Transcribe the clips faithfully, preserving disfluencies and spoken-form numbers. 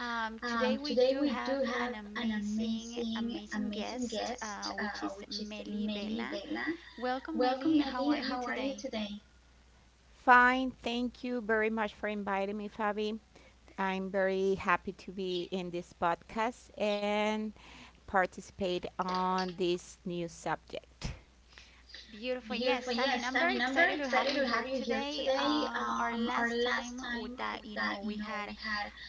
Um, today we do have an amazing, amazing guest, uh, which is Meli Vela. Welcome, Meli. How are you today? Fine. Thank you very much for inviting me, Fabi. I'm very happy to be in this podcast and participate on this new subject. Beautiful. Yes, I mean, I'm very excited to have you here today. Um, our last time with that, you know, we had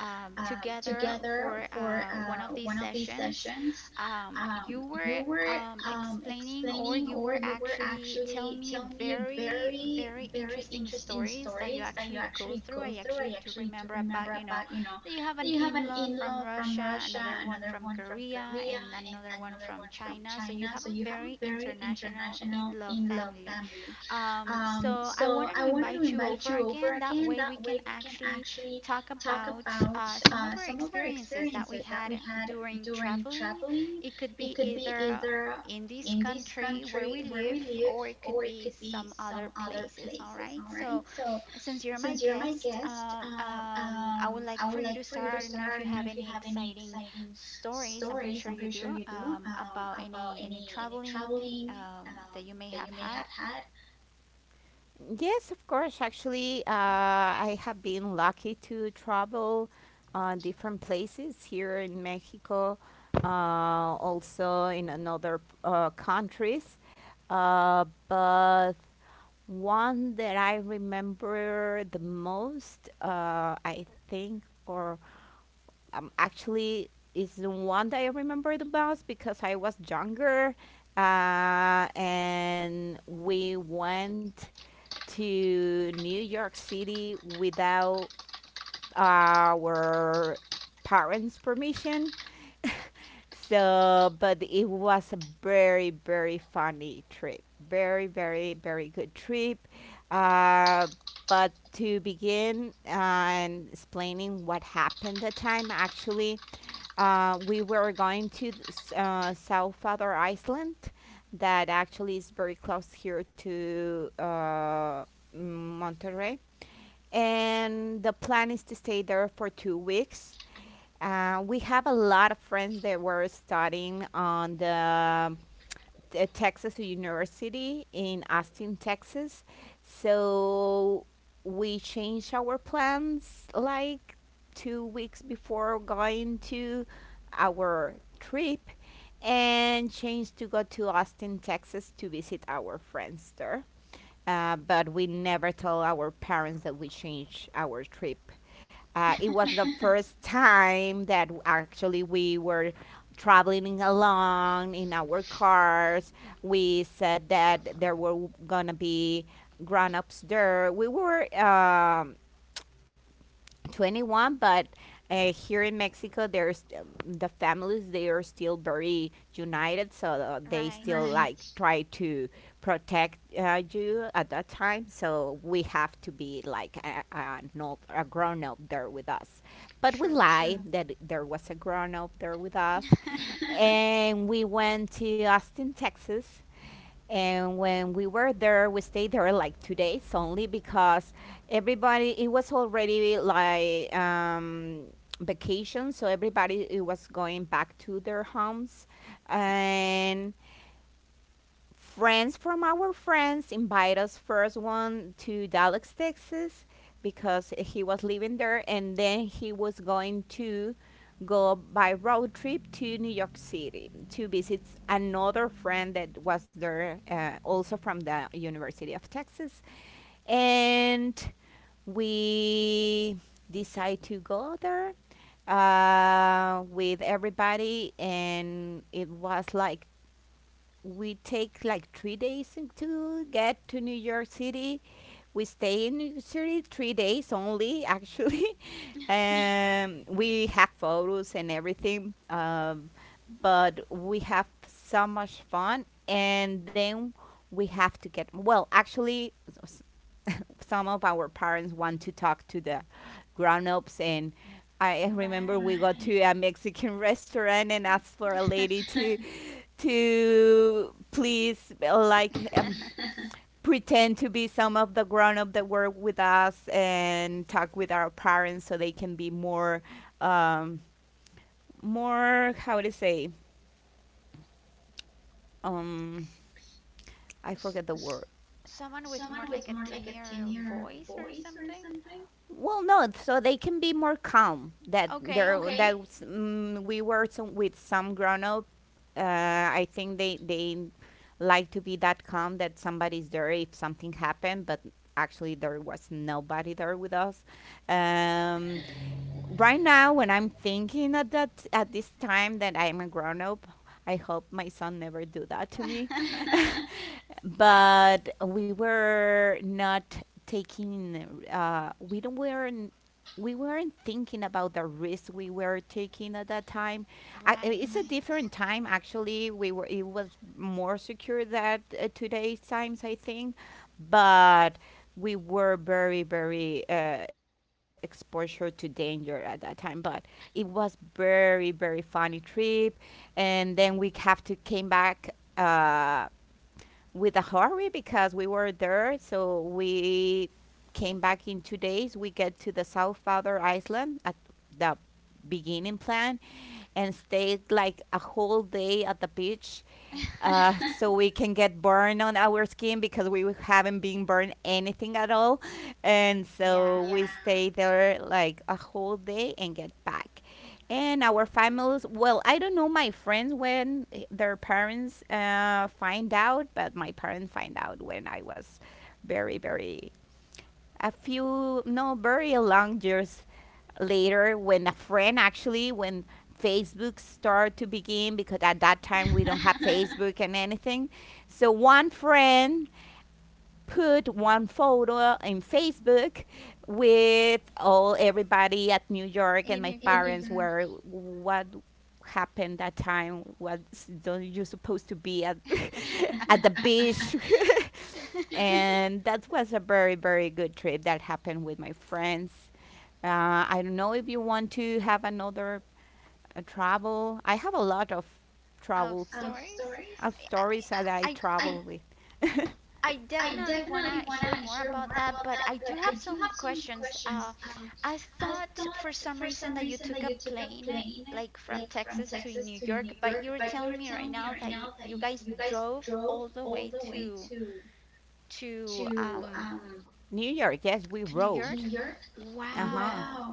um, together for uh, one of these sessions. Um, you were um, explaining, or you were actually telling me very, very interesting stories that you actually go through. I actually do remember about, you know, that you have an in-law from Russia, another one from Korea, and another one from China. So you have a very international in-law family. Um, so I wanted to invite you over again. That way we can actually talk about uh, some of our experiences that we had during traveling. It could be either in this country where we live, or it could be some other places. All right. So, since you're my guest, um, um, I would like for you to start. I don't know if you have any exciting stories. I'm pretty sure you do, um, about any any traveling um, that you may have had. Yes, of course. Actually, uh, I have been lucky to travel uh, different places here in Mexico, uh, also in another uh, countries. Uh, but One that I remember the most, uh, I think, or um, actually, is the one that I remember the most because I was younger, uh, and we went to New York City without our parents' permission. So, but it was a very, very funny trip. Very, very, very good trip. Uh, but to begin uh, and explaining what happened that time, actually, uh, we were going to th- s- uh, South Father Island, that actually is very close here to uh, Monterrey. And the plan is to stay there for two weeks. Uh, we have a lot of friends that were studying on the, the Texas University in Austin, Texas. So we changed our plans like two weeks before going to our trip and changed to go to Austin, Texas to visit our friends there, uh, but we never told our parents that we changed our trip. Uh, it was the first time that w- actually we were traveling along in our cars. We said that there were w- gonna be grown ups there. We were um twenty-one, but uh, here in Mexico there's um, the families they are still very united, so uh, they Right. still like try to protect uh, you at that time, so we have to be like a, a, an a grown up there with us, but we True. lie that there was a grown up there with us. And we went to Austin, Texas. And when we were there, we stayed there like two days only, because everybody, it was already like um, vacation. So everybody it was going back to their homes. And friends from our friends invite us first one to Dallas, Texas, because he was living there, and then he was going to go by road trip to New York City to visit another friend that was there, uh, also from the University of Texas, and we decide to go there uh, with everybody, and it was like we take like three days to get to New York City. We stay in New York City three days only, actually. um, we have photos and everything, um, but we have so much fun. And then we have to get well. Actually, s- some of our parents want to talk to the grown-ups, and I remember Right. we go to a Mexican restaurant and asked for a lady to to please, uh, like, um, pretend to be some of the grown up that work with us and talk with our parents so they can be more, um, more how to say, um, I forget the word. Someone with more like a tenor voice or something? Well, no, so they can be more calm. That Okay. there, that was- mm, we were some, with some grown up. Uh, I think they they like to be that calm, that somebody's there if something happened, but Oh, y- actually there was okay. nobody there with us. Um, right now, when I'm thinking at that at this time that I'm a grown up, I hope my son never do that to me. But we were not taking, uh, we don't weren't we weren't thinking about the risk we were taking at that time. I, i- it's Right. a different time, actually. We were it was more secure that uh, today's times, I think. But we were very very uh, exposure to danger at that time. But it was very very funny trip, and then we have to came back uh, with a hurry because we were there. So we came back in two days. We get to the South Father Island at the beginning plan and stayed like a whole day at the beach, uh, so we can get burn on our skin because we haven't been burned anything at all. And so we Yeah. stay there like a whole day and get back. And our families, well, I don't know my friends when eh, their parents uh, find out, but my parents find out when I was very, very a few no very long years later, when a friend, actually, when Facebook started to begin, because at that time we don't have Facebook and anything. So one friend put one photo in Facebook with all everybody at New York, and In my New York. parents were, what happened that time, what, don't you supposed to be at at the beach? And that was a very very good trip that happened with my friends. Uh, I don't know if you want to have another uh, travel. I have a lot of Of travels stories? of I stories that I I travel with. I definitely want to hear more about that, but I do have some questions. Uh, I thought for some reason that you took a plane like from Texas to New York, but you were telling me right now that you, you guys drove all the way to to um New York, yes, we to New rode. York. Uh-huh. Wow.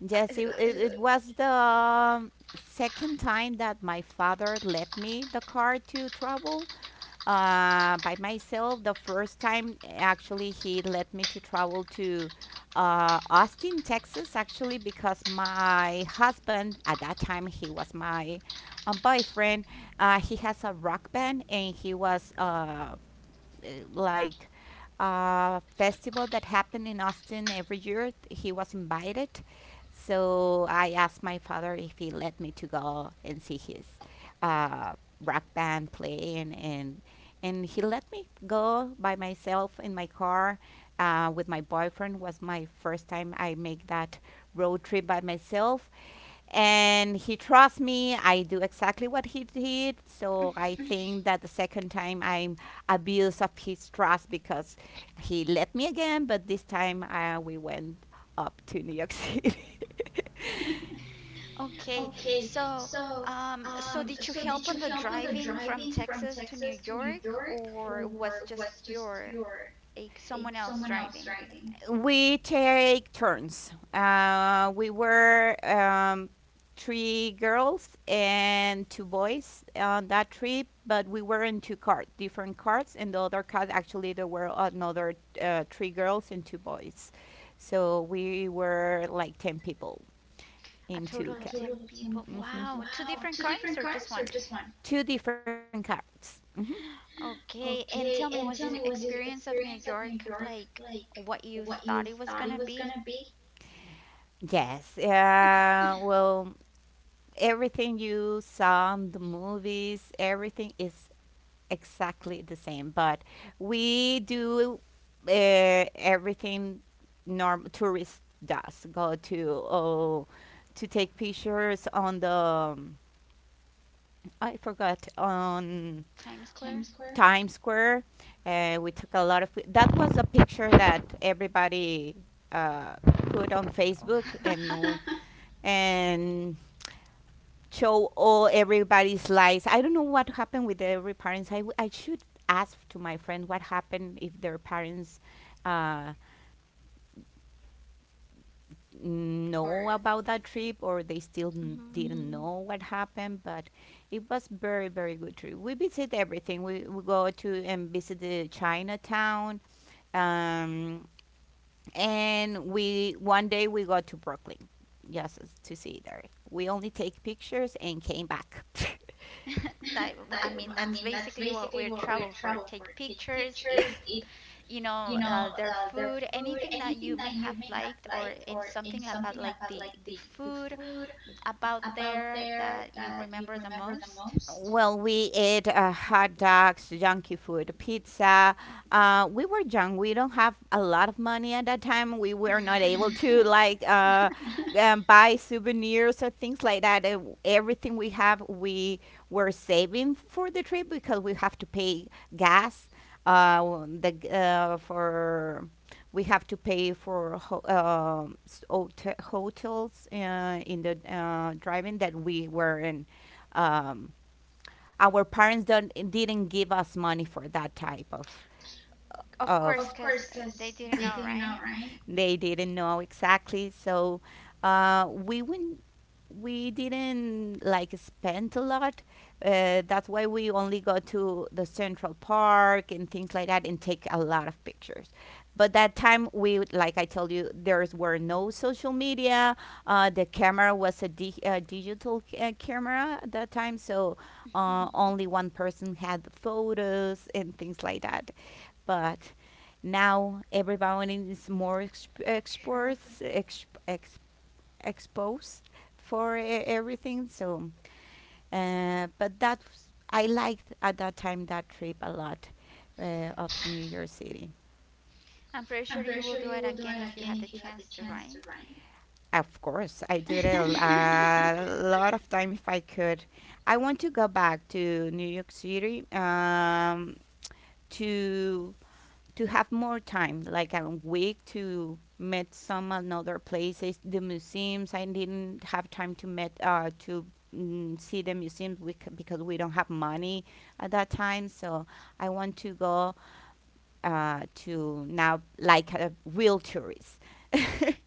Yes, it, it, it was the second time that my father let me the car to travel, uh, by myself. The first time, actually, he let me to travel to uh, Austin, Texas, actually, because my husband, at that time, he was my um, boyfriend. Uh, he has a rock band and he was uh, uh, like uh, festival that happened in Austin every year. He was invited, so I asked my father if he let me to go and see his uh, rock band play, and, and and he let me go by myself in my car, uh, with my boyfriend. It was my first time I make that road trip by myself. And he trusts me. I do exactly what he did. So I think that the second time I'm abused of his trust, because he let me again. But this time, uh, we went up to New York City. Okay, so um so did you help on the driving from Texas to New York, or was just your like someone else driving. We take turns. Uh, we were um, three girls and two boys on that trip, but we were in two carts, different carts, and the other cart, actually, there were another uh, three girls and two boys, so we were like ten people A in two total of cats. ten people. Hmm. Wow. Two different cars or just one? Two different carts. Hmm. Okay. And tell me, was the experience of New York like what you thought it was gonna be? Yes. Uh, well, everything you saw in the movies, everything is exactly the same, but we do, uh, everything norm Tourist does. Go to, oh, to take pictures on the, um, I forgot, on Times Square? Times Square. Uh, we took a lot of pi- that was a picture that everybody uh, put on Oh. Facebook and all- and show all everybody's lives. I don't know what happened with every parents. I, w- I should ask to my friend what happened if their parents uh, We're upset or. know about that trip, or they still n- Mhm. didn't know what happened. But it was very very good trip. We visit everything. We, we go to and visit the Chinatown, um, and we one day we go to Brooklyn just as- to see there. We only take pictures and came back. That, I mean, that's basically what we're travel for. Take pictures, eat, you know, uh, their food, anything that you may have liked, or in something about like the the food about there that you remember the most? Well, we ate, uh, hot dogs, junky food, pizza. Uh, we were young. We don't have a lot of money at that time. We were not able to like, uh, um, buy souvenirs or things like that. Uh, w- everything we have, we were saving for the trip because we have to pay gas. Uh, w- Exactly. the g- uh, for We have to pay for ho- um hotels, uh, in the, uh, driving that we were in. Um, our parents don't didn't give us money for that type of Of course, of because they didn't know, right? they didn't know exactly. So, uh, we went, we didn't like spend a lot. Uh, that's why we only go to the Central Park and things like that and take a lot of pictures. But that time we, would- like I told you, there were no social media. Uh, the camera was a di- uh, digital c- uh, camera at that time, so, uh, only one person had the photos and things like that. But now everyone is more exp- True. exports exp- ex- exposed for e- everything, so, uh, but that was- I liked at that time that trip a lot, uh, of New York City. I'm pretty sure you will do it again if you had the chance to, right? Of course I do it a l- a lot of time if I could. I want to go back to New York City, um, to to have more time, like a week to meet some another places, the museums. I didn't have time to meet, uh, to mm, see the museums, we c- because we don't have money at that time. So I want to go, uh, to now like a real tourist.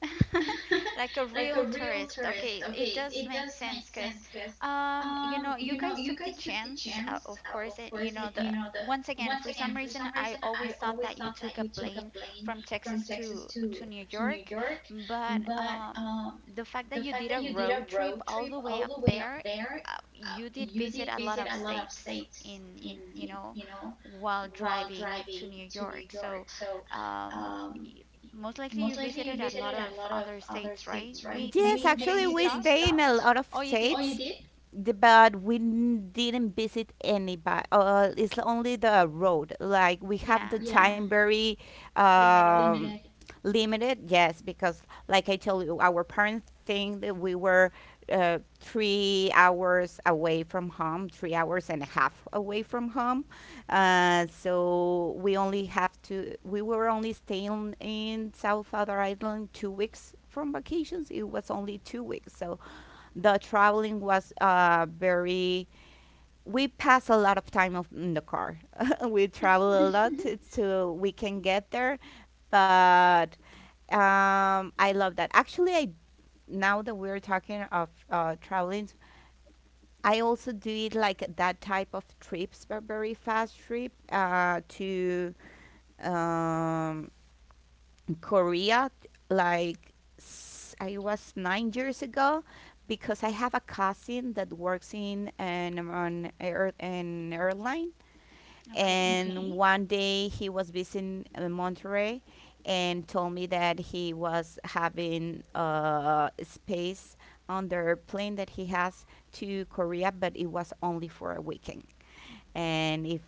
Like a real tourist. Okay, it does make sense because, um, you know, you guys took the chance, uh, of course, and you know, the once again, for some reason, I always thought that you took a plane from Texas to to New York, but um, the fact that you did a road trip all the way up there, uh, you did visit a lot of states in, in you know, while driving to New York. So, um, most likely you visited a lot of other states, right? Maybe maybe Yes, you didn't actually, we stop. stay in a lot of Oh, you did? states. the- But we n- didn't visit anybody. Uh, it's only the road. Like we have the Yeah, Timebury limited. um, limited, yes, because like I told you, our parents think that we were uh, three hours away from home, three hours and a half away from home. Uh, so we only have to we were only staying in south other island two weeks from vacations, it was only two weeks. So the traveling was uh, very, we pass a lot of time of- in the car. We travel a lot to, to we can get there. But um, I love that. Actually, I now that we're talking of uh, traveling, I also do it like that type of trips, but very fast trip uh, to um, Korea. Like s- I was nine years ago, because I have a cousin that works in an on air an airline, Okay. And one day he was visiting uh, Monterey and told me that he was having uh, space on the plane that he has to Korea, but it was only for a weekend. And if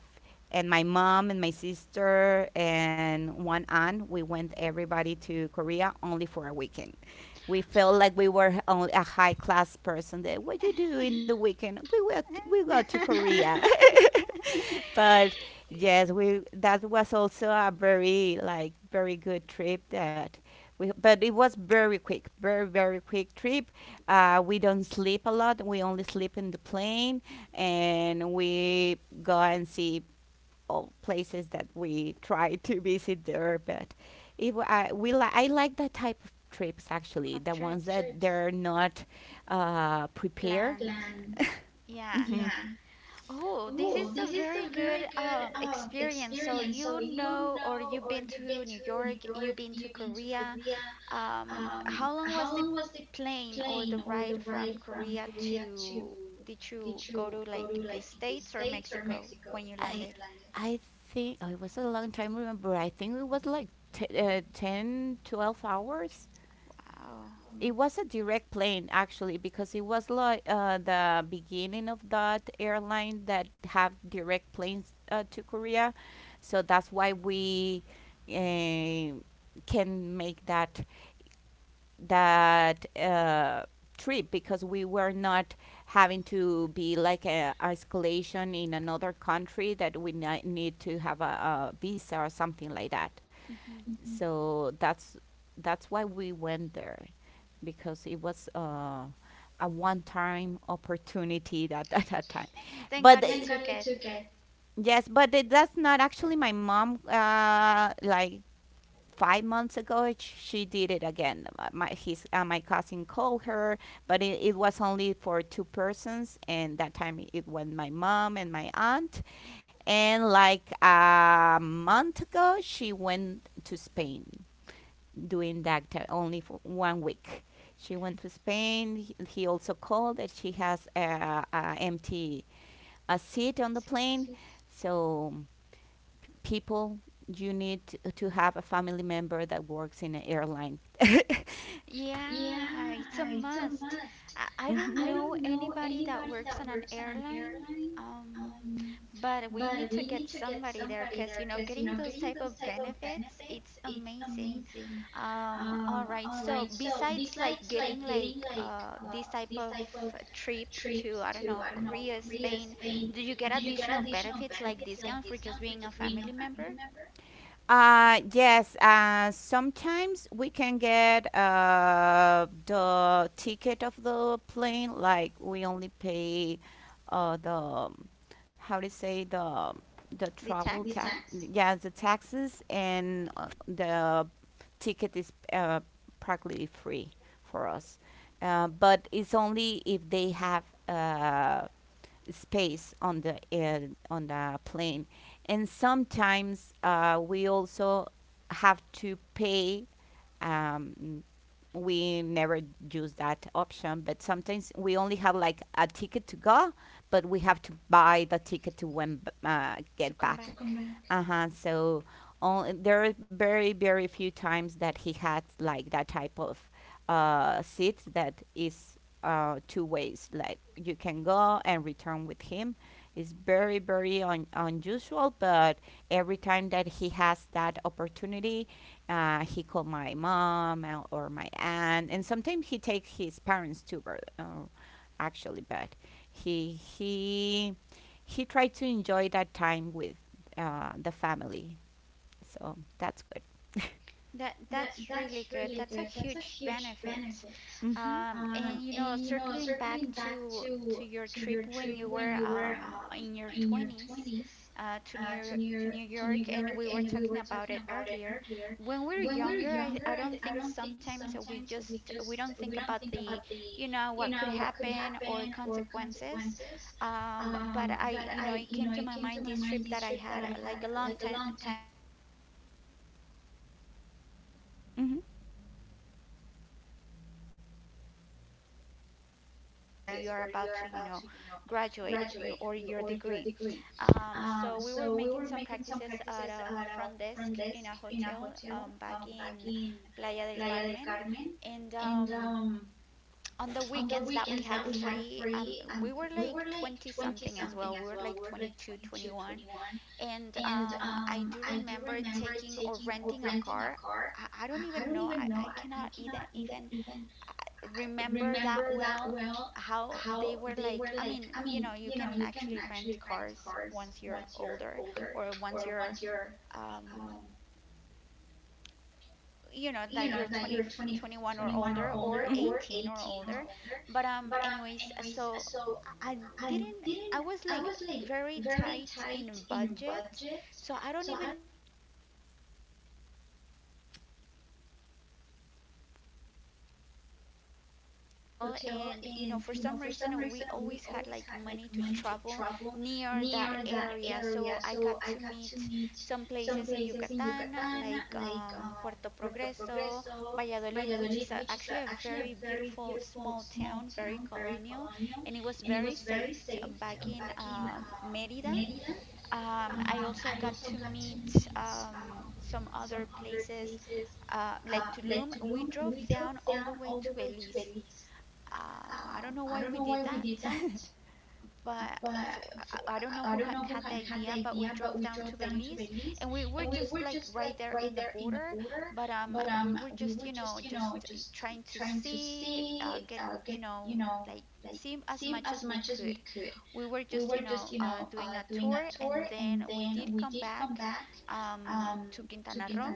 and my mom and my sister and one aunt, we went everybody to Korea only for a weekend. We felt like we were only a high class person. That what you do in the weekend? We went, we go to Korea. But yes, we that was also a very like very good trip that we, but it was very quick, very very quick trip. Uh, we don't sleep a lot. We only sleep in the plane and we go and see all places that we try to visit there. But it, wa- I, we li- I like that type of trips, actually, Of the ones trips that they're not uh, prepared. planned. Yeah. Oh, this is a very good um, experience. So you know, or you've been to New York, you've been to Korea. Um, how long was the plane or the ride from Korea to, did you go to like the States or Mexico when you I landed? I think, oh, it was a long time. Remember, I think it was like t- uh, ten, twelve hours. Wow. It was a direct plane actually because it was like uh, the beginning of that airline that have direct planes uh, to Korea, so that's why we uh, can make that that uh, trip because we were not having to be like a isolation in another country that we ni- need to have a, a visa or something like that. hmm So that's that's why we went there because it was uh, a one-time opportunity that at that time. Thank But God uh, you took it. yes, but it, that's not actually my mom. Uh, like five months ago she did it again. Uh, my his uh, my cousin called her, but it, it was only for two persons, and that time i- it was my mom and my aunt. And like a month ago she went to Spain doing that acti- only for one week, she went to Spain. he, he also called that she has a, a empty a seat on the Sweet. plane. So people, you need to have a family member that works in an airline. Yeah, it's a must. I, I don't Hmm. know anybody that works on an airline, um, but we need to get somebody there because, you know, getting those type of benefits, it's amazing. Um, all right. So besides like getting like uh these type of trips to, I don't know, Korea, Spain, do you get additional benefits like discount for just being a family member? Uh, yes, uh, sometimes we can get uh, the ticket of the plane, like we only pay uh, the, how to say, the the The travel tax, tax yeah, the taxes, and uh, the ticket is uh, practically free for us. Uh, but it's only if they have uh, space on the uh, on the plane. And sometimes uh, we also have to pay um, we never use that option, but sometimes we only have like a ticket to go, but we have to buy the ticket to when uh, to get come back. back? Uh-huh. So only, there are very, very few times that he had like that type of uh, seat that is uh, two ways. Like you can go and return with him. It's very, very un- unusual, but every time that he has that opportunity, uh, he called my mom uh, or my aunt, and sometimes he takes his parents too, but, uh, actually. But he he he tried to enjoy that time with uh, the family. So that's good. That that's really good. That's a huge benefit. Mm-hmm. Um, and you know, circling back to to your trip when you were um, in your twenties, uh, to New to New York, and we were talking about it earlier. When we're younger, I, I don't think sometimes we just we don't think about the, you know, what could happen or consequences. Um, but I, you know, it came to my mind this trip that I had, uh, like a long time time ago back in twenty fifteen. I still was in Mm-hmm. college and we were making some like, um, you know, we call them like practices where you are about to, you know, graduate you or your degree. Um, so we were making some practices at a front desk in a hotel um, back in Playa del Carmen, and um, on the weekends that we had free, um, we were like 20 something as well, we were like twenty two, twenty one. And um, I do remember taking or renting a car. I, I don't even know. I, I cannot even even remember that well how they were like. I mean, you know, you can actually rent cars once you're older, or once you're, um, you know, that you're twenty one or older, or Mm-hmm. eighteen or older. But um anyways, uh, so I didn't I was like very tight in budget, so I don't even know where we're getting money from for gas, to rent a car, for food, because uh, we used to eat at the hotel. And you know, for some reason, uh, we always had like money to travel near that area. So I got to meet some places in Yucatan, like um, Puerto Progreso, Valladolid, which is a, actually a very beautiful small town, very colonial, and it was very safe t- back in, um, Mérida. Um, I also got to meet um, some other places, uh, like Tulum. We drove down all the way to Belize. Um, I don't know why we did that, but for, I I don't know who had, had the idea, but we drove down to Belize, and we were just like right there in the border. But um, we were just, you know, just trying to see, uh, get, you know, like see as much as we could. We were just, you know, uh, doing a tour, and then we did come back um, to Quintana Roo.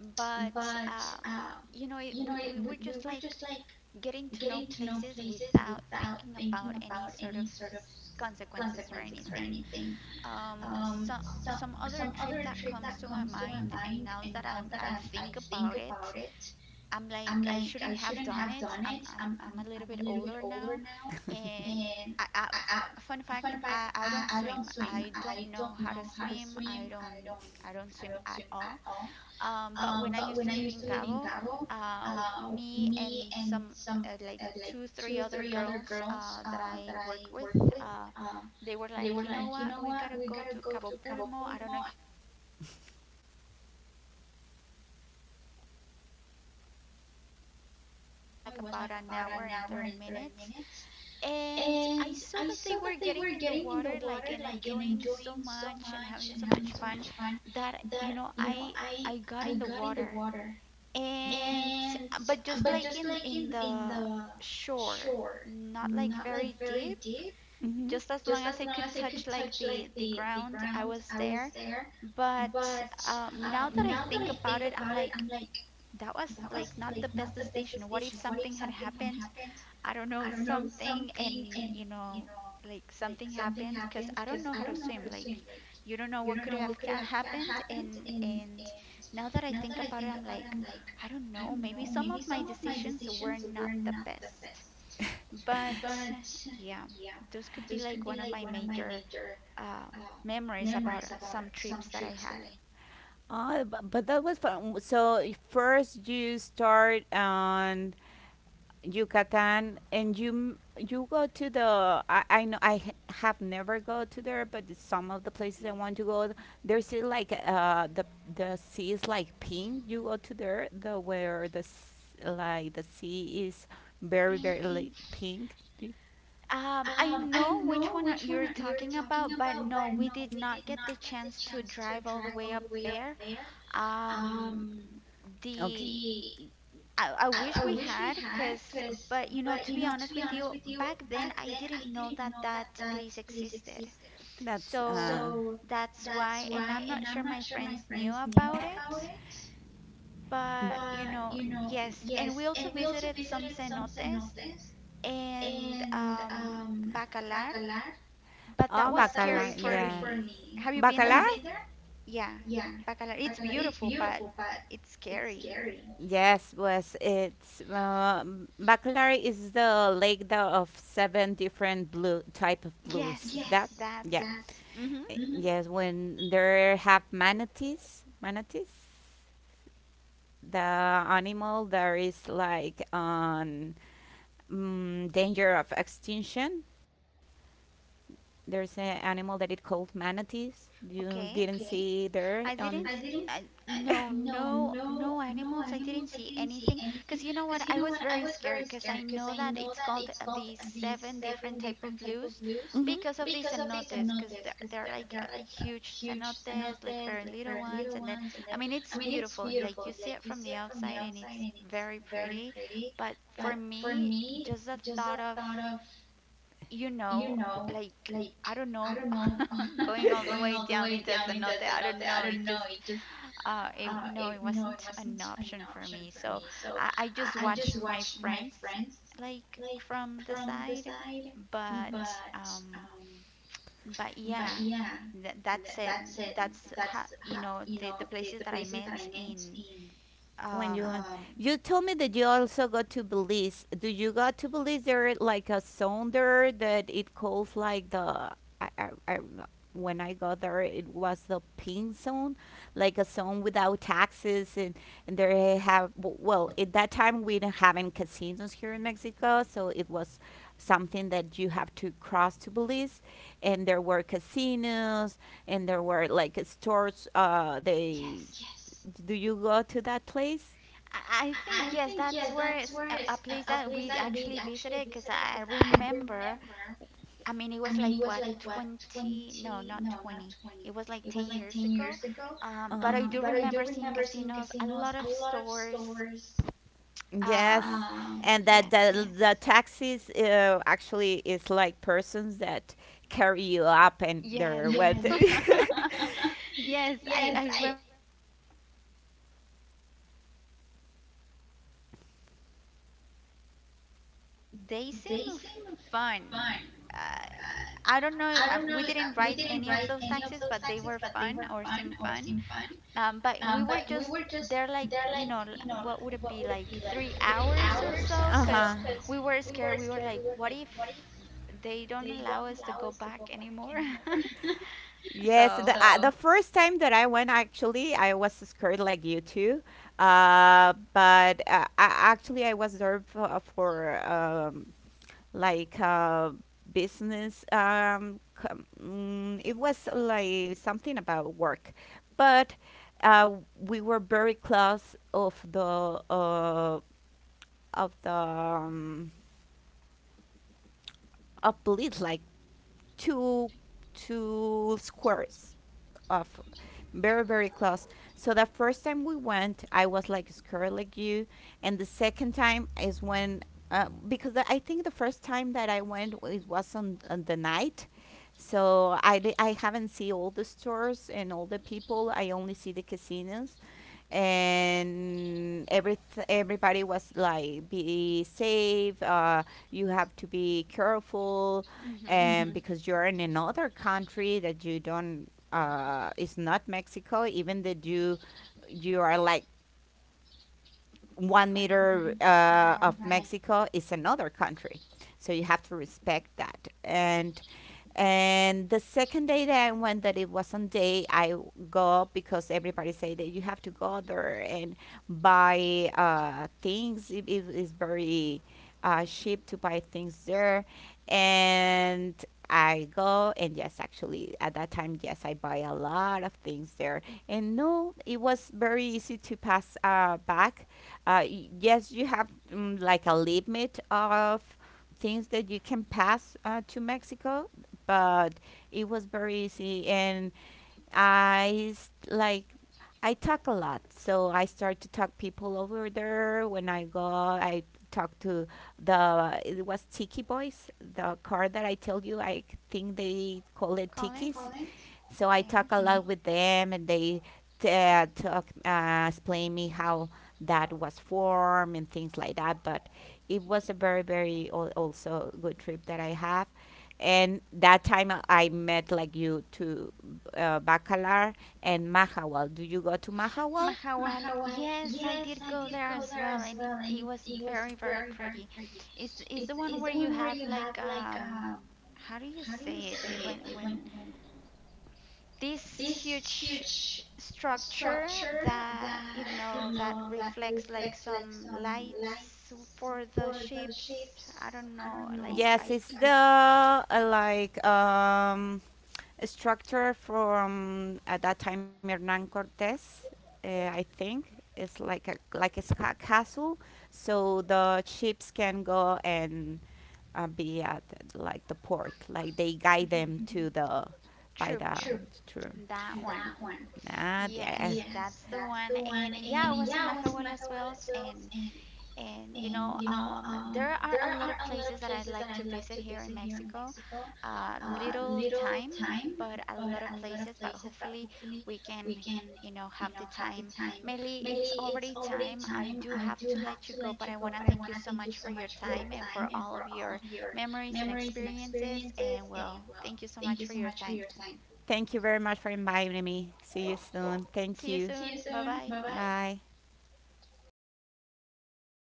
But um, you know, it, we, we were just like getting to know places without thinking about any sort of consequences or anything. Um, so, some other trip that comes to my mind, and now that I'm, I think about it, I'm like, I shouldn't have done it. I'm, I'm, I'm a little bit older now, and I, I, fun fact, I, I don't swim. I don't know how to swim. I don't, I don't swim at all. Um, but when I used to live in Cabo, uh, me and some, uh, like two, three other girls uh, that I work with, uh, they were like, you know what, we gotta go to Cabo Pulmo. I don't know if you've heard about it, um, but I was like, you know what, why not? Let's go. And we drove all the way to Cabo Pulmo. It was like about an hour and thirty minutes. And I saw that they were getting in the water like and enjoying so much and having so much fun that you know I I got in the water. And but just like in in the shore, not like very deep, Mm-hmm. just as long as I could touch like the the ground, I was there. But um, now that I think about it, I'm like, that was like not the best decision. What if something had happened, I don't know, something. And you know, like something happened because I don't know how to swim. Like you don't know what could have ca- happened. And and now that I think about it, I'm like, I don't know, maybe some of my decisions were not the best. But yeah, those could be like one of my major, uh, memories about some trips that I had. Uh, but, but that was fun. So first you start on Yucatan, and you m- you go to the. I, I know I h- have never go to there, but some of the places I want to go, there's uh, like uh the the sea is like pink. You go to there, the where the s- like the sea is very very Pink. like pink. Do Um, I know which one are- you're talking about, but no, we did not get the chance to drive all the way up there. Um, you- the I, I wish we had, cause but you know, to be honest with you, back then I didn't know that that place existed. That's So uh that's why, and I'm not sure my friends knew about it. But you know, yes, and we also visited some cenotes, and um Bacalar, but oh that was scary Bacalar, for yes. me. Have you been Bacalar? there? Yeah, Bacalar. It's beautiful, but it's scary. Yes, was it's uh, Bacalar is the lake the, of seven different blue type of blues. Yes, That that's. yeah. Mm-hmm. Eh, yes, when there have manatees, manatees, Yeah, manatees. the animal there is like on mm, danger of extinction. There's an animal that it called manatees. You Okay. didn't see there I on. didn't. S- I, no, no, no animals. I didn't see anything. Because you know what? I was very scared because I know that it's called, uh, the seven different type of loose Mm-hmm, because of the cenotes. Because they're, they're like, uh, huge cenotes, like very little ones. And then, I mean, it's beautiful. Like you see it from the outside and it's very pretty. But for me, just the thought of, you know, like I don't know, going all the way down into Cenote, I don't know. It just, uh, it, no, it wasn't an option for me. So I, I just watched my friends like from the side, mm-hmm. but um, but yeah, that, that's it. That's how, you know, the the places that I met in, When you um, went- you told me that you also go to Belize. Do you go to Belize? There like a zone there that it calls like the I, I, I when I got there it was the pink zone, like a zone without taxes. and and there have w- well at that time we didn't have any casinos here in Mexico, so it was something that you have to cross to Belize, and there were casinos and there were like stores. Uh, they, yes. do you go to that place? I I think yes, that's where it's a a place that we actually visited, because I remember, I mean, it was like what, twenty, no, not twenty. It was like ten years ago. Um, Uh, But I do remember seeing casinos, a lot of stores. yes, Um, and that the, yes. the taxis uh, actually is like persons that carry you up and Yes. they're what. Yes, I, I remember that, you know, th there was some some taxis that they just carry you, and they seem fun. Uh, I don't know, uh, we didn't ride any of those taxis, but they were fun or seem fun. Um, but we were just there, like, you know, l- what would it be, like three hours or so? Uh huh. Because we were scared. We were like, what if they don't allow us to go back anymore? Yes, So, the uh, the first time that I went, actually, I was scared like you too. Uh, but uh, I, actually, I was there for, for um, like uh, business. Um, com- mm, it was like something about work, but uh, we were very close of the uh, of the um, of Blit, like two two squares of very very close. So the first time we went I was like scared like you, and the second time is when uh, because the- I think the first time that I went it was on, on the night, so I, di- I haven't seen all the stores and all the people, I only see the casinos. And every everybody was like, be safe, uh, you have to be careful. mhm, And because you're in another country that you don't uh, it's not Mexico, even that you you are like one right, meter uh, right. of Mexico is another country. So you have to respect that. And and the second day that I went, that it was on day, I go because everybody say that you have to go there and buy uh, things. It is very uh, cheap to buy things there, and I go and yes, actually at that time, yes, I buy a lot of things there. And no, it was very easy to pass uh, back uh, y- yes, you have mm, like a limit of things that you can pass uh, to Mexico, but it was very easy. And I s- like I talk a lot, so I start to talk people over there. When I go, I talk to the it was Tiki Boys, the car that I tell you. I think they call it Tikis, College? so I Okay. talk a lot with them, and they t- uh, talk, uh, explain me how that was formed and things like that. But it was a very, very al- also good trip that I have. And that time I I met like you to uh, Bacalar and Mahawal. Do you go to Mahawal? Mahawal, yes, I did go there as well, and it, it was very, very pretty. Is is the one where you have like, um, how do you say it? It- When when these huge structure that you know that reflects like some lights for the ships. I don't know, like Yes, I it's the uh, like um a structure from at that time Hernan Cortes, uh, I think. It's like a like a sca- castle, so the ships can go and uh, be at like the port. Like they guide mm them to the by true the true. that one. Nah, yeah. Yes, that's the one. And yeah, I was in my Mahahual as well. and And you know, um, there are a lot of places that I'd like to visit here in Mexico. Uh, little time, but a lot of places. But hopefully, we can, you know, have the time. Mainly, it's already time. I do have to let you go, but I want to thank you so much for your time and for all of your memories and experiences. And well, thank you so much for your time. Thank you very much for inviting me. See you soon. Thank See you you. soon. Bye bye. Bye.